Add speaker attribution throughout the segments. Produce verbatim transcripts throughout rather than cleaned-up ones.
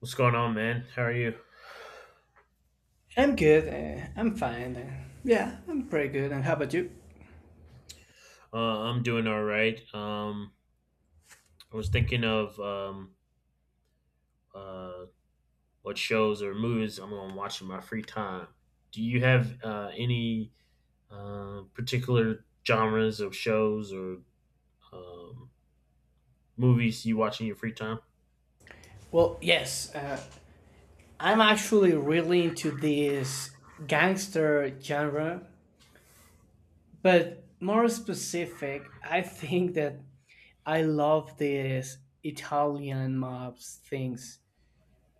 Speaker 1: What's going on, man? How are you?
Speaker 2: I'm good. Uh, I'm fine. Uh, yeah, I'm pretty good. And how about you?
Speaker 1: Uh, I'm doing all right. Um, I was thinking of um, uh, what shows or movies I'm going to watch in my free time. Do you have uh, any uh, particular genres of shows or um, movies you watch in your free time?
Speaker 2: Well, yes, uh, I'm actually really into this gangster genre, but more specific, I think that I love this Italian mobs things.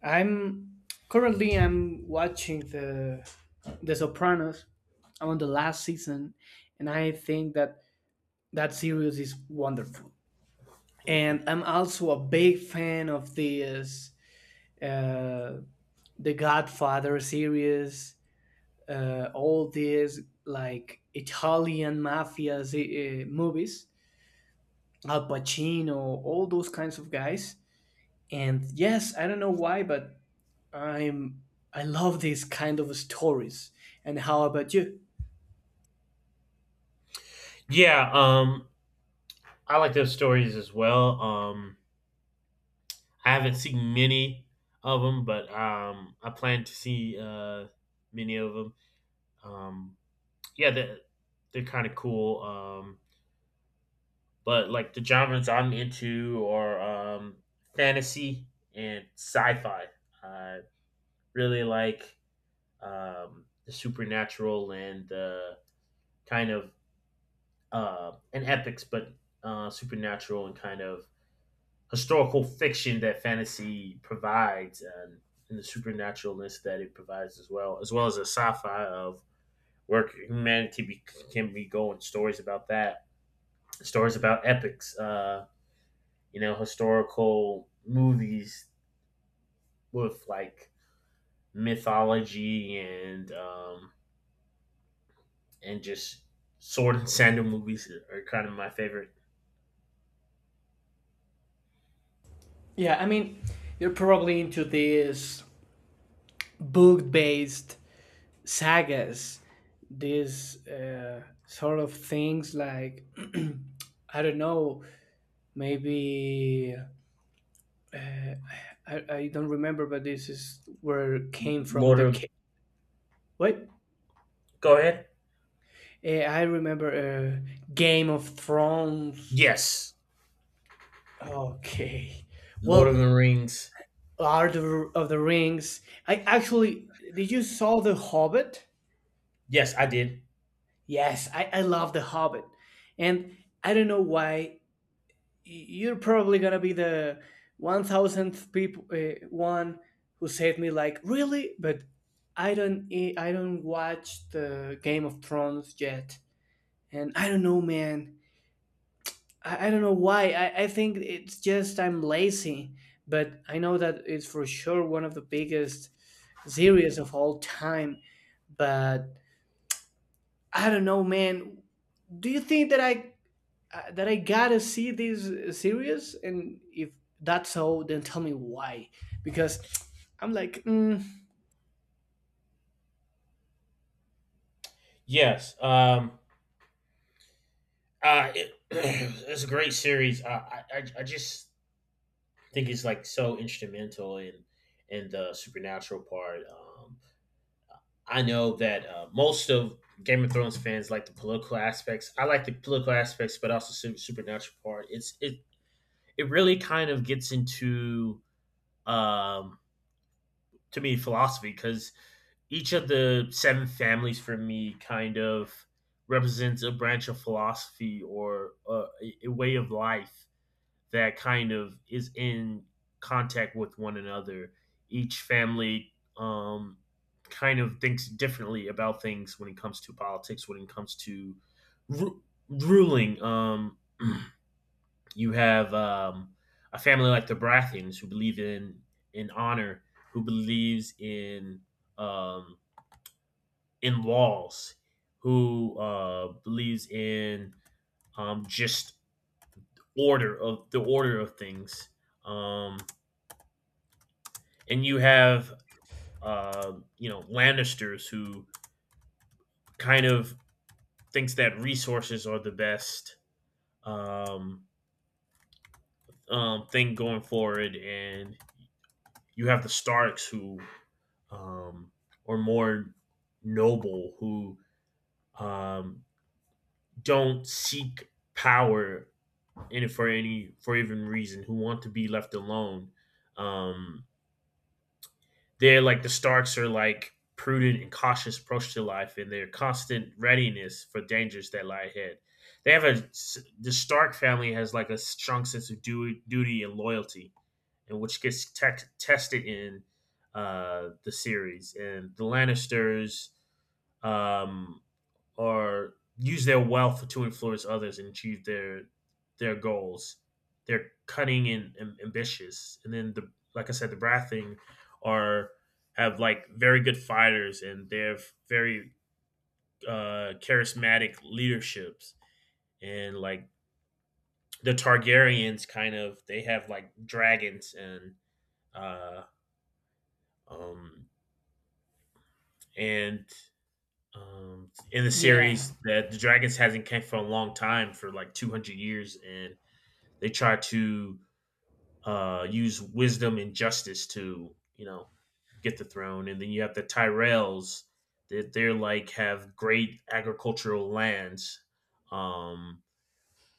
Speaker 2: I'm currently I'm watching the The Sopranos. I'm on the last season, and I think that that series is wonderful. And I'm also a big fan of this uh, the Godfather series, uh, all these like Italian mafia uh, movies, Al Pacino, all those kinds of guys. And yes, I don't know why, but I'm I love these kind of stories. And how about you?
Speaker 1: Yeah, um, I like those stories as well. Um, I haven't seen many of them, but um, I plan to see uh, many of them. Um, yeah, they're, they're kind of cool. Um, but like the genres I'm into are um, fantasy and sci-fi. I really like um, the supernatural and the kind of uh, and epics, but uh, supernatural and kind of historical fiction that fantasy provides, and, and the supernaturalness that it provides as well, as well as a sci-fi of where humanity be, can be going, stories about that, stories about epics, uh, you know, historical movies with like mythology and um, and just sword and sandal movies are kind of my favorite.
Speaker 2: Yeah, I mean, you're probably into these book-based sagas, these uh, sort of things like I don't know, maybe, uh, I, I don't remember, but this is where it came from
Speaker 1: Lord
Speaker 2: the
Speaker 1: of—
Speaker 2: ca- wait.
Speaker 1: go ahead.
Speaker 2: uh, I remember, uh, Game of Thrones.
Speaker 1: Yes,
Speaker 2: Okay.
Speaker 1: Lord
Speaker 2: Well,
Speaker 1: of the Rings.
Speaker 2: lord of, of the Rings. I actually, did you saw the Hobbit?
Speaker 1: Yes, I did.
Speaker 2: Yes, i, I love the Hobbit. And I don't know why, you're probably gonna be the one thousandth people, uh, one who said me like really. But i don't e- i don't watch the Game of Thrones yet. And I don't know, man. I, I don't know why. I, I think it's just I'm lazy, but I know that it's for sure one of the biggest series of all time. But I don't know, man. Do you think that i uh, that I gotta see this series? And if that's so, then tell me why. Because I'm like, mm,
Speaker 1: Yes, um, uh, it, it's a great series. Uh, I, I I just think it's like so instrumental in in the supernatural part. Um, I know that uh, most of Game of Thrones fans like the political aspects. I like the political aspects, but also super, supernatural part. It's it it really kind of gets into um, to me philosophy because each of the seven families for me kind of represents a branch of philosophy or uh, a, a way of life that kind of is in contact with one another. Each family um, kind of thinks differently about things when it comes to politics, when it comes to ru- ruling. Um, you have um, a family like the Brathians who believe in in honor, who believes in um, in laws, who uh, believes in um, just order of the order of things. Um, and you have uh, you know, Lannisters who kind of thinks that resources are the best um, um, thing going forward, and you have the Starks who um, are more noble, who um, don't seek power in it for any for even reason, who want to be left alone. um, They're like— the Starks are like prudent and cautious approach to life and their constant readiness for dangers that lie ahead. They have a— the Stark family has like a strong sense of du- duty and loyalty, and which gets te- tested in uh, the series. And the Lannisters, um, or use their wealth to influence others and achieve their their goals. They're cunning and, and ambitious. And then the, like I said, the Brad are, have like very good fighters and they have very uh, charismatic leaderships. And like the Targaryens, kind of, they have like dragons and uh, um, and um, in the
Speaker 2: yeah,
Speaker 1: series that the dragons hasn't came for a long time, for like two hundred years. And they try to uh, use wisdom and justice to, you know, get the throne. And then you have the Tyrells that they're like have great agricultural lands. Um,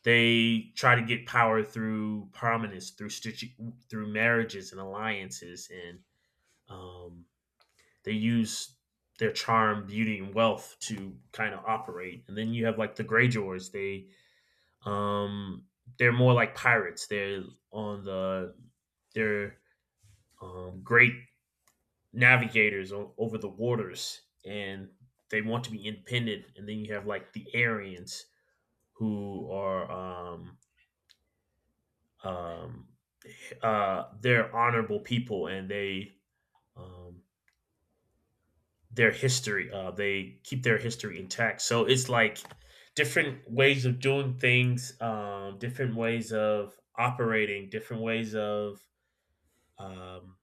Speaker 1: they try to get power through prominence, through stitch- through marriages and alliances, and um, they use their charm, beauty, and wealth to kind of operate. And then you have like the Greyjoys. They um, they're more like pirates. They're on the they're um, great navigators o- over the waters, and they want to be independent. And then you have like the Aryans who are um, um, uh, they're honorable people, and they um, their history, uh, they keep their history intact. So it's like different ways of doing things, um, different ways of operating, different ways of um,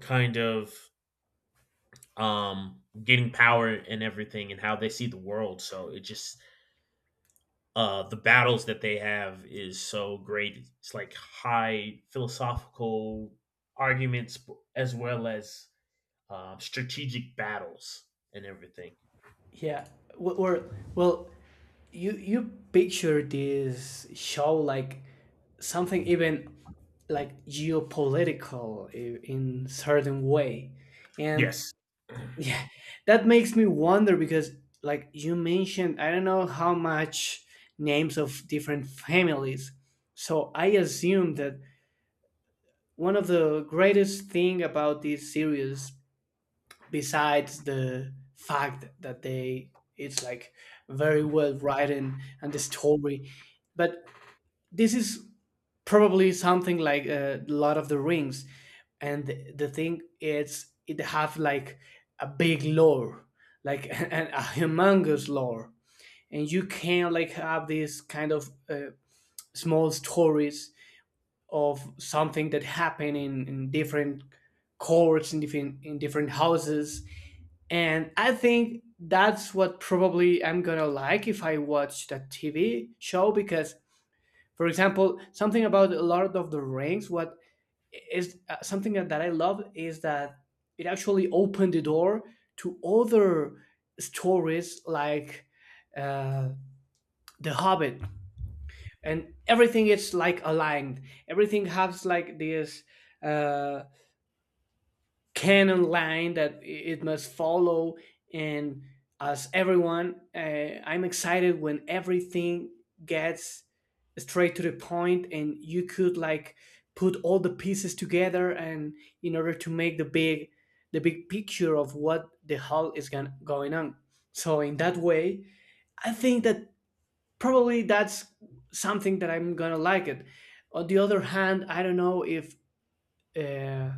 Speaker 1: kind of um, getting power and everything, and how they see the world. So it just— uh, the battles that they have is so great. It's like high philosophical arguments as well as um, strategic battles and everything.
Speaker 2: yeah. Well, or, well, you you picture this show like something even like geopolitical, i- in certain way, and
Speaker 1: Yes.
Speaker 2: yeah, that makes me wonder because, like you mentioned, I don't know how much names of different families, so I assume that one of the greatest thing about this series, besides the fact that they it's like very well written and the story, but this is probably something like uh, Lord of the Rings. And the, the thing is, it have like a big lore, like an, a humongous lore, and you can like have this kind of uh, small stories of something that happened in, in different courts, in different in different houses. And I think that's what probably I'm gonna like if I watch that TV show, because for example something about Lord of the Rings, what is uh, something that, that I love is that it actually opened the door to other stories like uh, the Hobbit. And everything is like aligned, everything has like this uh canon line that it must follow. And as everyone, uh, I'm excited when everything gets straight to the point and you could like put all the pieces together, and in order to make the big the big picture of what the hell is going going on. So in that way, I think that probably that's something that I'm gonna like it. On the other hand, I don't know if, uh,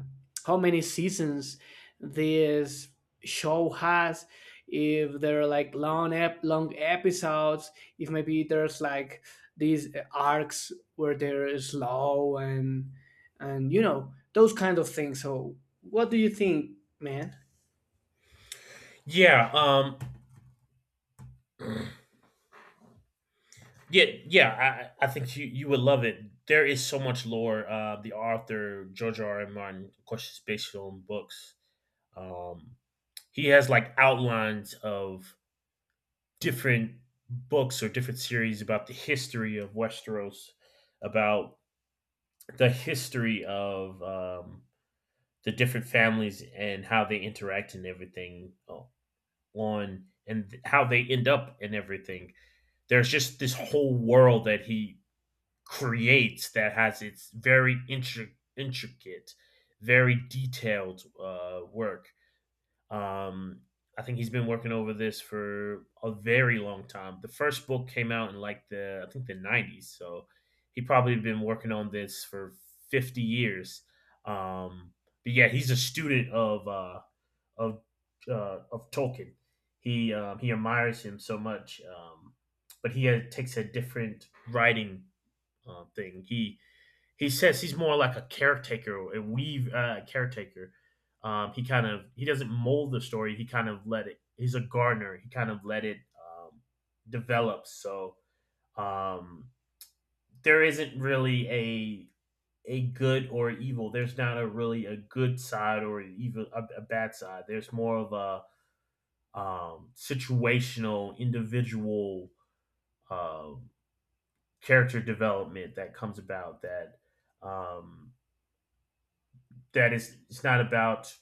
Speaker 2: how many seasons this show has, if there are like long ep- long episodes, if maybe there's like these arcs where they're slow, and and you know those kind of things. So, what do you think, man?
Speaker 1: Yeah. Um. Yeah. Yeah. I, I think you, you would love it. There is so much lore. Uh, the author George R. R. Martin, of course, is based on books. Um, he has like outlines of different books or different series about the history of Westeros, about the history of um, the different families and how they interact and everything o- on and how they end up and everything. There's just this whole world that he creates that has its very intri- intricate, very detailed uh, work. Um, I think he's been working over this for a very long time. The first book came out in like the, I think, the nineties, so he probably been working on this for fifty years. Um, but yeah, he's a student of uh, of uh, of Tolkien. He um, he admires him so much, um, but he uh takes a different writing uh, thing. He he says he's more like a caretaker, a weave uh, caretaker. Um, he kind of— he doesn't mold the story. He kind of let it. He's a gardener. He kind of let it um, develop. So um, there isn't really a a good or evil. There's not a really a good side or even a, a bad side. There's more of a um, situational, individual uh, character development that comes about that um, that is— it's not about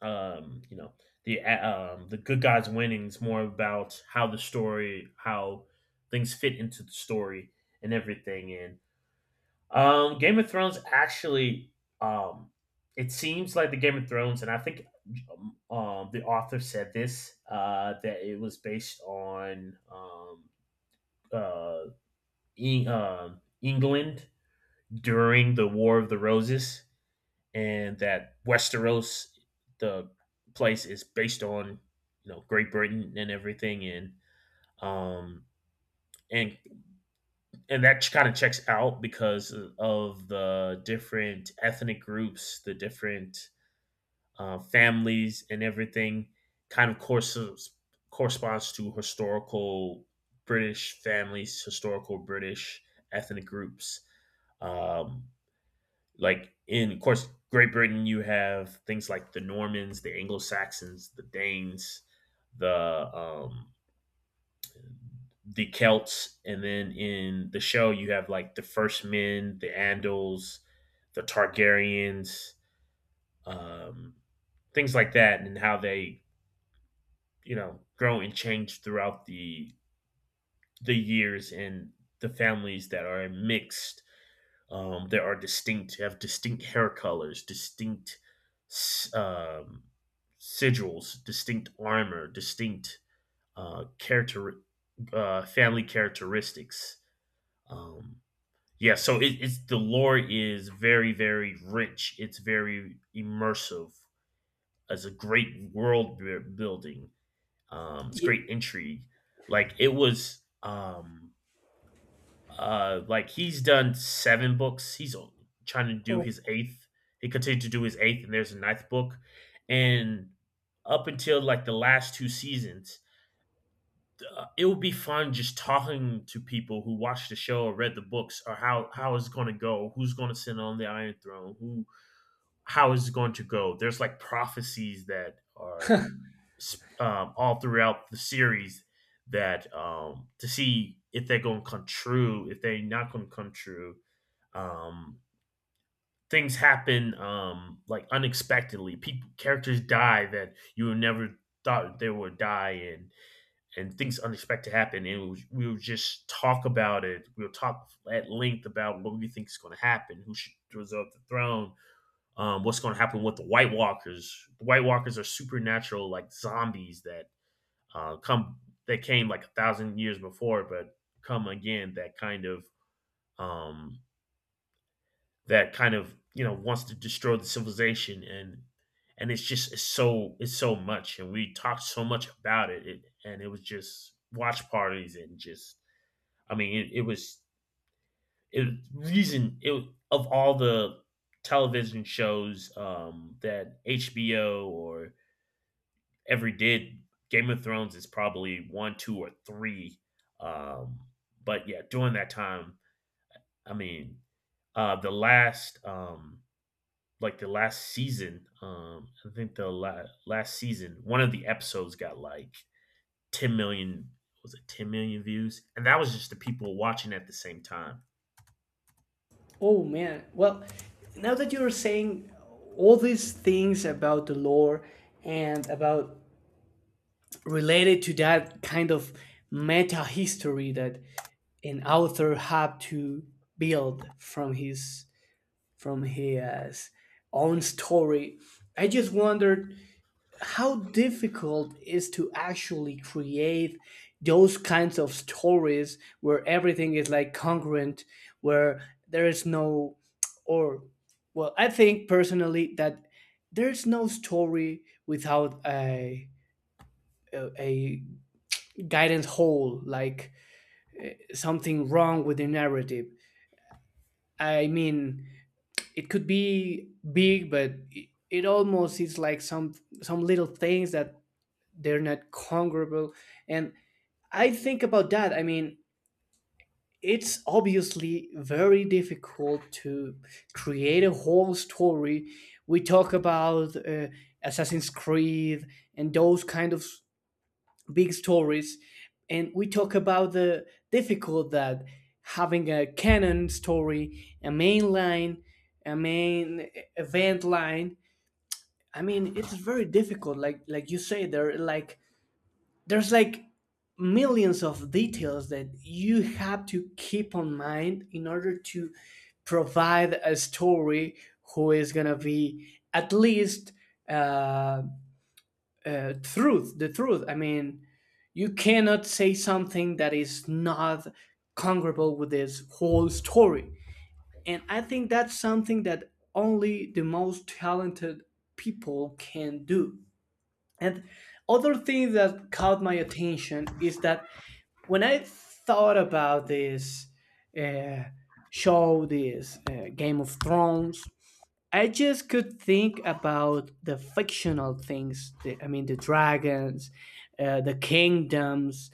Speaker 1: um you know, the uh, um the good guys winning is more about how the story, how things fit into the story and everything. And um game of thrones actually um it seems like the game of thrones, and I think um um, the author said this uh that it was based on um uh, Eng- uh england during the War of the Roses, and that Westeros, the place, is based on, you know, Great Britain and everything. And um, and and that kind of checks out because of the different ethnic groups, the different uh, families, and everything. Kind of courses corresponds to historical British families, historical British ethnic groups. Um, like in, of course, Great Britain, you have things like the Normans, the Anglo Saxons, the Danes, the um, the Celts, and then in the show you have like the First Men, the Andals, the Targaryens, um, things like that, and how they, you know, grow and change throughout the the years. And the families that are mixed, um, there are distinct, have distinct hair colors, distinct um, sigils, distinct armor, distinct uh, character, uh, family characteristics. Um, yeah, so it, it's— the lore is very, very rich. It's very immersive. It's a great world bu- building. Um, it's
Speaker 2: Ye-
Speaker 1: great intrigue. Like it was. Um, uh, like he's done seven books. He's trying to do
Speaker 2: Oh,
Speaker 1: his eighth. He continued to do his eighth, and there's a ninth book. And up until like the last two seasons, uh, it would be fun just talking to people who watched the show or read the books, or how how is it going to go, who's going to sit on the Iron Throne, who how is it going to go. There's like prophecies that are um, all throughout the series that um, to see if they're going to come true, if they're not going to come true. um Things happen um like unexpectedly, people, characters die that you never thought they would die, and and things unexpected happen. And we, we would just talk about it, we'll talk at length about what we think is going to happen, who should usurp the throne, um what's going to happen with the white walkers. The white walkers are supernatural, like zombies, that uh come that came like a thousand years before but come again, that kind of um that kind of you know, wants to destroy the civilization. and and it's just, it's so— it's so much, and we talked so much about it, it, and it was just watch parties and just— I mean, it, it was it reason it of all the television shows um that HBO or ever did, Game of Thrones is probably one, two, or three. um but yeah, during that time, I mean, uh the last um like the last season. Um, I think the la- last season, one of the episodes got like ten million. Was it ten million views? And that was just the people watching at the same time.
Speaker 2: oh man. Well, now that you're saying all these things about the lore, and about related to that kind of meta history that an author had to build from his from his own story, I just wondered how difficult is to actually create those kinds of stories where everything is like congruent, where there is no, or, well, I think personally that there's no story without a a, a guidance hole, like something wrong with the narrative. I mean, it could be big, but it, it almost is like some some little things that they're not congruent. And I think about that. I mean, it's obviously very difficult to create a whole story. We talk about uh, Assassin's Creed and those kind of s- big stories, and we talk about the difficult that having a canon story, a main line, a main event line. I mean, it's very difficult. Like like you say, there are like there's like millions of details that you have to keep on mind in order to provide a story who is gonna be at least, uh, uh, truth the truth I mean, you cannot say something that is not congruent with this whole story. And I think that's something that only the most talented people can do. And other thing that caught my attention is that when I thought about this uh, show, this uh, Game of Thrones, I just could think about the fictional things. The, I mean, the dragons, uh, the kingdoms,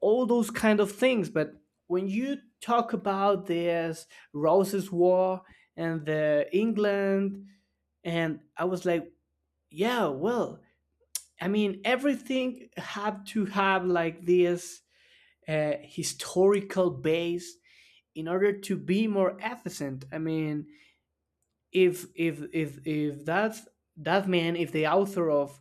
Speaker 2: all those kind of things. But when you talk about this Roses War and the England, and I was like, yeah, well, I mean, everything had to have like this uh, historical base in order to be more efficient. I mean, if if if if that's that man, if the author of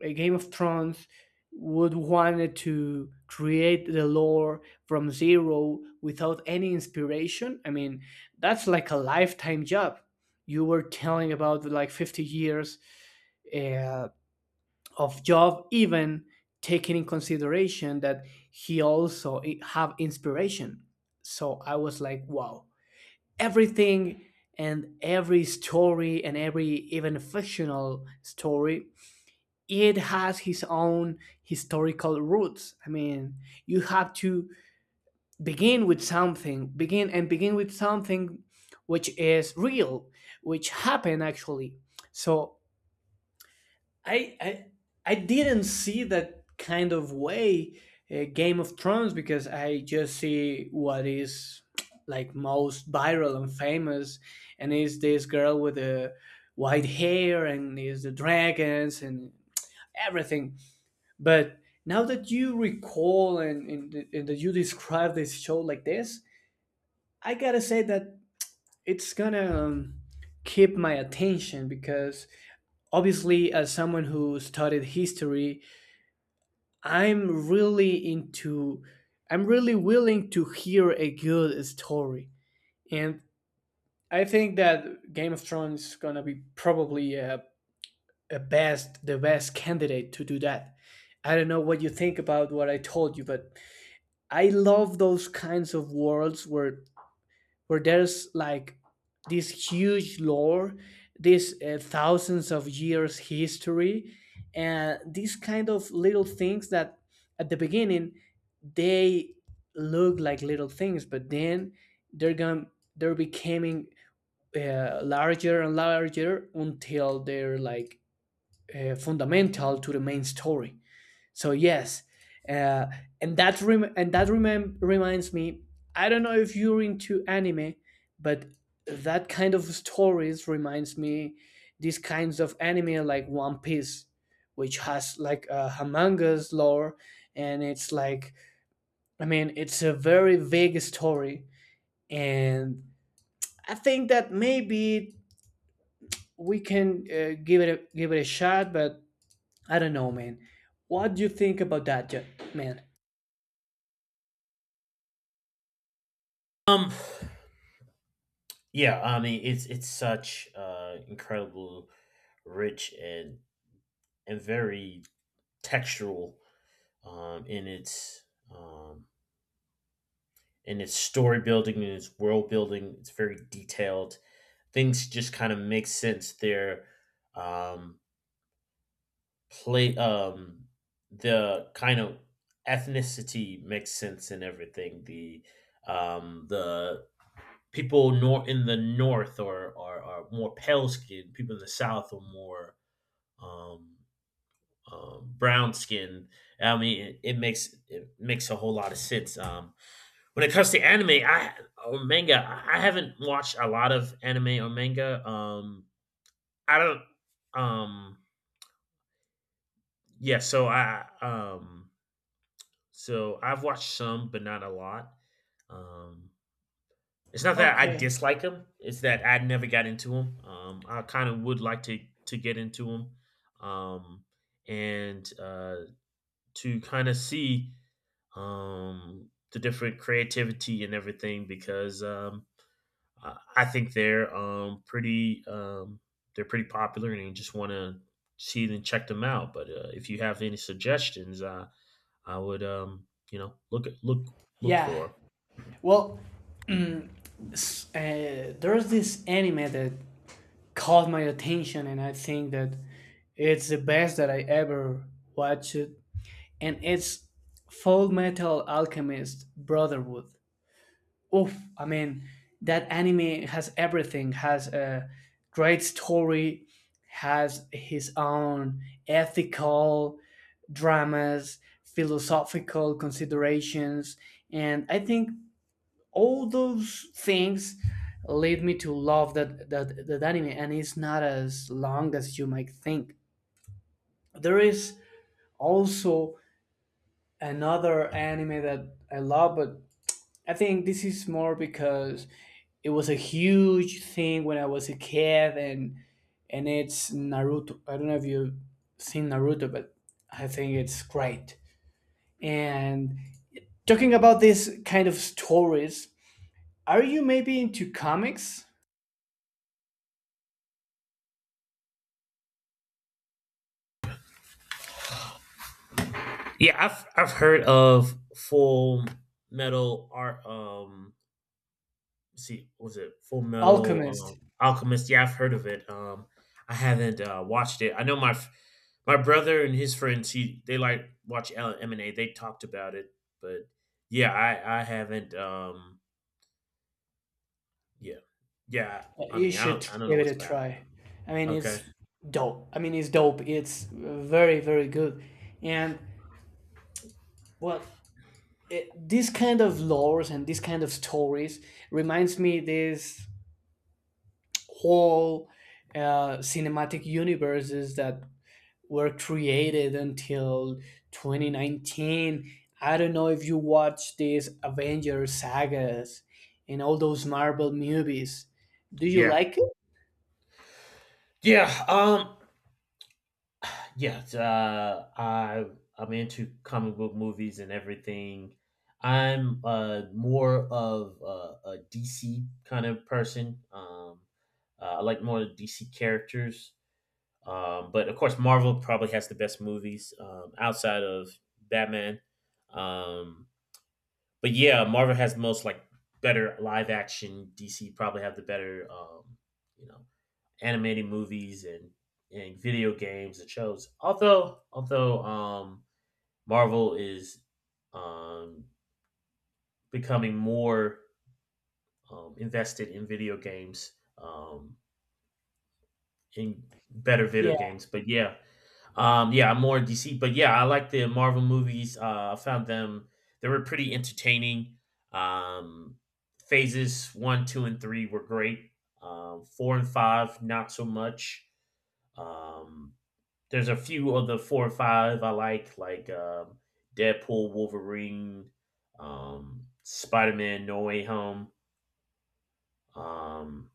Speaker 2: a Game of Thrones would wanted to create the lore from zero without any inspiration, I mean, that's like a lifetime job. You were telling about like fifty years uh, of job, even taking in consideration that he also i- have inspiration. So I was like, wow, everything, and every story, and every even fictional story, it has his own historical roots. I mean, you have to begin with something, begin and begin with something which is real, which happened actually. So I I I didn't see that kind of way, uh, Game of Thrones, because I just see what is like most viral and famous, and is this girl with the white hair, and is the dragons and everything. But now that you recall, and and, and that you describe this show like this, I gotta say that it's gonna, um, keep my attention. Because obviously, as someone who studied history, I'm really into I'm really willing to hear a good story. And I think that Game of Thrones is gonna be probably a, a best the best candidate to do that. I don't know what you think about what I told you, but I love those kinds of worlds where where there's like this huge lore, this uh, thousands of years history, and these kind of little things that at the beginning they look like little things, but then they're going they're becoming uh, larger and larger until they're like uh, fundamental to the main story. So yes, uh, and that rem- and that remem- reminds me. I don't know if you're into anime, but that kind of stories reminds me these kinds of anime like One Piece, which has like a humongous lore, and it's like, I mean, it's a very vague story, and I think that maybe we can uh, give it a, give it a shot. But I don't know, man. What do you think about that, Ja- man?
Speaker 1: Um, yeah, I mean, it's it's such uh incredible, rich and and very textural um in its um in its story building and its world building. It's very detailed. Things just kind of make sense. They're um play um the kind of ethnicity makes sense in everything. The um the people nor in the north are are, are more pale skinned, people in the south are more um, um brown skinned. I mean it, it makes it makes a whole lot of sense. Um when it comes to anime I or manga, i I haven't watched a lot of anime or manga. Um I don't um yeah so I um So I've watched some, but not a lot. Um, it's not that I
Speaker 2: Okay.
Speaker 1: dislike him; it's that I never got into him. Um, I kind of would like to to get into him, um, and uh, to kind of see um, the different creativity and everything, because um, I I think they're um, pretty um, they're pretty popular, and you just want to see and check them out. But uh, if you have any suggestions, uh, I would um you know look at look look
Speaker 2: Yeah.
Speaker 1: for.
Speaker 2: Well, mm, s- uh, there's this anime that caught my attention, and I think that it's the best that I ever watched. And it's Full Metal Alchemist Brotherhood. Oof! I mean, that anime has everything. Has a great story. Has his own ethical dramas, philosophical considerations. And I think all those things lead me to love that that, that anime, and it's not as long as you might think. There is also another anime that I love, but I think this is more because it was a huge thing when I was a kid, and and it's Naruto. I don't know if you've seen Naruto, but I think it's great. And talking about this kind of stories, are you maybe into comics?
Speaker 1: Yeah, I've I've heard of Full Metal Art. Um, let's see, what was it? Full Metal
Speaker 2: Alchemist.
Speaker 1: um, Alchemist? Yeah, I've heard of it. Um, I haven't uh, watched it. I know my f- my brother and his friends. He They like watch L M and A. They talked about it, but yeah, I I haven't. Um, yeah, yeah. I
Speaker 2: You
Speaker 1: mean, I
Speaker 2: should
Speaker 1: don't I don't know
Speaker 2: give it
Speaker 1: what's
Speaker 2: a
Speaker 1: bad.
Speaker 2: try. I mean,
Speaker 1: Okay.
Speaker 2: it's dope. I mean, it's dope. It's very, very good. And well, it, this kind of lores and this kind of stories reminds me this whole uh, cinematic universes that were created until twenty nineteen. I don't know if you watch these Avengers sagas and all those Marvel movies. Do you
Speaker 1: Yeah.
Speaker 2: like it?
Speaker 1: Yeah. Um. Yes, uh, I I'm into comic book movies and everything. I'm uh, more of a D C kind of person. Um, uh, I like more D C characters, um, but of course, Marvel probably has the best movies um, outside of Batman. Um, but yeah, Marvel has the most, like, better live action. D C probably have the better, um, you know, animated movies and and video games and shows. Although although um, Marvel is um, becoming more um, invested in video games, um, in better video
Speaker 2: Yeah.
Speaker 1: games. But yeah, um, yeah, I'm more D C. But yeah, I like the Marvel movies. Uh, I found them they were pretty entertaining. Um, Phases one, two, and three were great. Um, four and five, not so much. Um, There's a few of the four or five I like, like um, Deadpool, Wolverine, um, Spider Man, No Way Home. Um,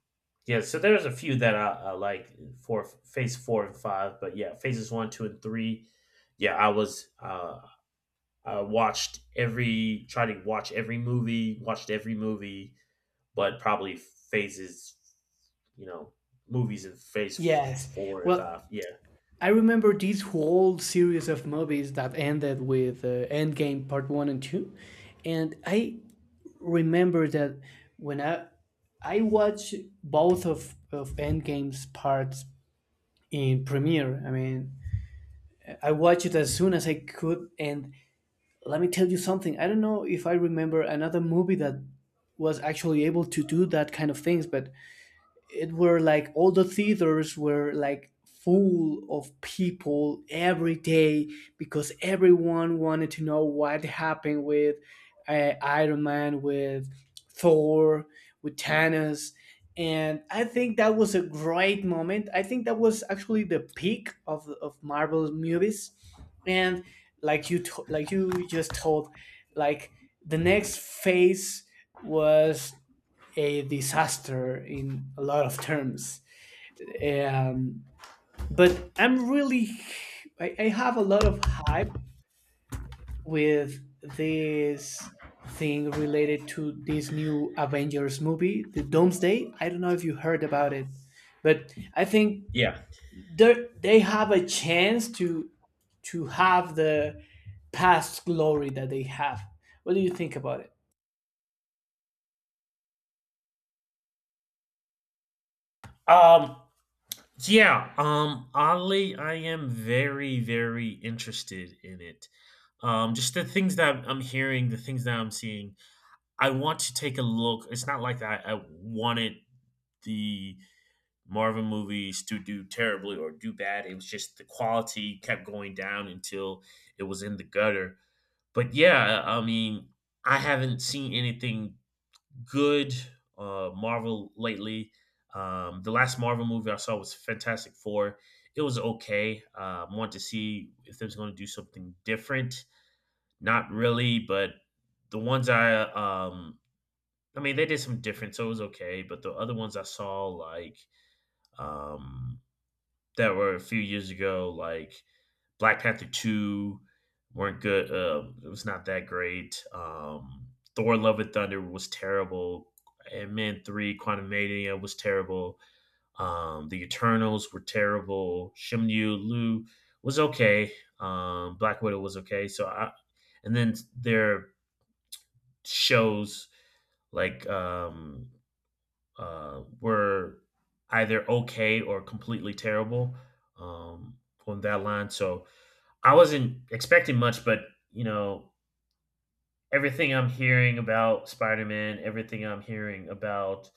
Speaker 1: yeah, so there's a few that I, I like for Phase Four and Five, but yeah, Phases One, Two, and Three. Yeah, I was uh, I watched every tried to watch every movie, watched every movie, but probably Phases, you know, movies in Phase
Speaker 2: Yes.
Speaker 1: Four and
Speaker 2: Well,
Speaker 1: Five. Yeah,
Speaker 2: I remember this whole series of movies that ended with uh, Endgame Part One and Two, and I remember that when I I watched both of of Endgame's parts in premiere. I mean, I watched it as soon as I could. And let me tell you something. I don't know if I remember another movie that was actually able to do that kind of things, but it were like all the theaters were like full of people every day, because everyone wanted to know what happened with uh, Iron Man, with Thor, with Thanos. And I think that was a great moment. I think that was actually the peak of, of Marvel movies. And like you to- like you just told, like the next phase was a disaster in a lot of terms. Um, but I'm really, I, I have a lot of hype with this thing related to this new Avengers movie, the Doomsday. I don't know if you heard about it, but I think
Speaker 1: yeah.
Speaker 2: they they have a chance to to have the past glory that they have. What do you think about it?
Speaker 1: Um, yeah, um, oddly, I am very, very interested in it. Um, just the things that I'm hearing, the things that I'm seeing, I want to take a look. It's not like I, I wanted the Marvel movies to do terribly or do bad. It was just the quality kept going down until it was in the gutter. But yeah, I mean, I haven't seen anything good uh, Marvel lately. Um, the last Marvel movie I saw was Fantastic Four. It was okay. Uh, want to see if there's going to do something different. Not really, but the ones I um, I mean, they did some different, so it was okay. But the other ones I saw, like um, that were a few years ago, like Black Panther two, weren't good. Uh, it was not that great. Um, Thor: Love and Thunder was terrible. Ant Man three, Quantumania was terrible. Um, the Eternals were terrible. Shim Yu Lu was okay. Um, Black Widow was okay. So I, and then their shows, like um, uh, were either okay or completely terrible, um, on that line. So I wasn't expecting much, but you know, everything I'm hearing about Spider Man, everything I'm hearing about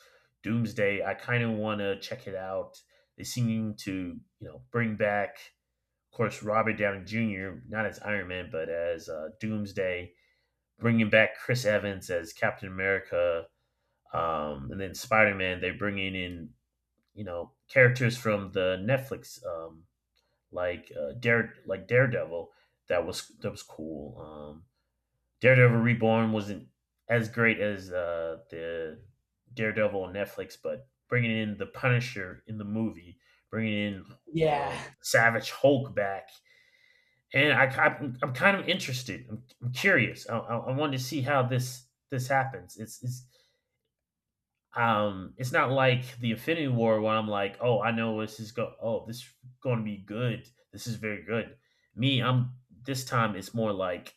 Speaker 1: Doomsday, I kind of want to check it out. They seem to, you know, bring back, of course, Robert Downey Junior, not as Iron Man, but as uh, Doomsday, bringing back Chris Evans as Captain America, um, and then Spider Man. They're bringing in, you know, characters from the Netflix, um, like uh, Dare, like Daredevil. That was that was cool. Um, Daredevil Reborn wasn't as great as uh, the Daredevil on Netflix, but bringing in the Punisher in the movie, bringing in
Speaker 2: Yeah.
Speaker 1: um, Savage Hulk back, and I, I, I'm kind of interested. I'm, I'm curious. I, I, I want to see how this this happens. It's it's um it's not like the Infinity War where I'm like, oh, I know this is go. Oh, this is going to be good. This is very good. Me, I'm this time. It's more like,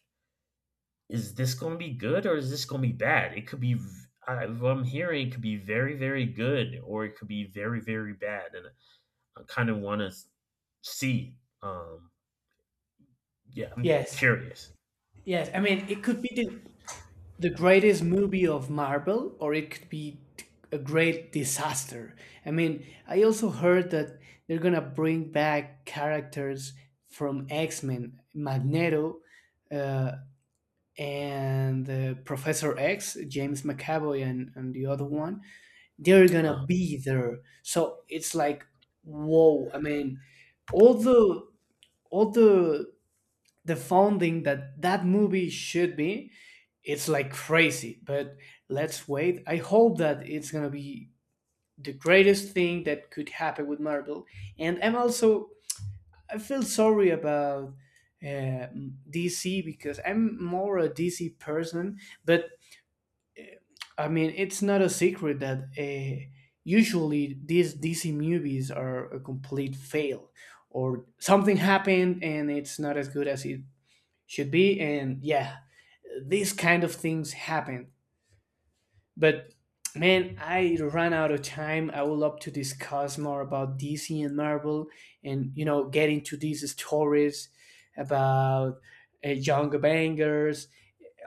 Speaker 1: is this going to be good or is this going to be bad? It could be, v- I, what I'm hearing, it could be very, very good or it could be very, very bad. And I kind of want to see. Um, yeah, I'm
Speaker 2: Yes.
Speaker 1: curious.
Speaker 2: Yes. I mean, it could be the the greatest movie of Marvel, or it could be t- a great disaster. I mean, I also heard that they're gonna bring back characters from X Men, Magneto, uh, and uh, Professor X, James McAvoy, and, and the other one. They're gonna
Speaker 1: Um,
Speaker 2: be there, so it's like, whoa! I mean, all the all the the founding that that movie should be, it's like crazy. But let's wait. I hope that it's gonna be the greatest thing that could happen with Marvel. And I'm also, I feel sorry about uh, DC, because I'm more a DC person. But I mean, it's not a secret that uh, usually these DC movies are a complete fail, or something happened, and it's not as good as it should be. And yeah, these kind of things happen. But man, I ran out of time. I would love to discuss more about DC and Marvel, and you know, get into these stories about uh, younger bangers,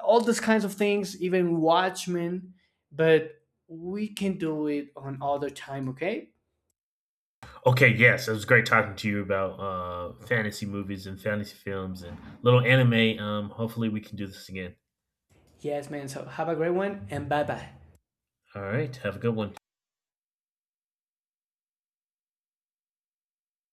Speaker 2: all these kinds of things, even Watchmen. But we can do it on other time, okay?
Speaker 1: okay, yes, it was great talking to you about uh, fantasy movies and fantasy films and little anime. Um, hopefully, we can do this again.
Speaker 2: Yes, man. So have a great one, and bye bye.
Speaker 1: All right, have a good one.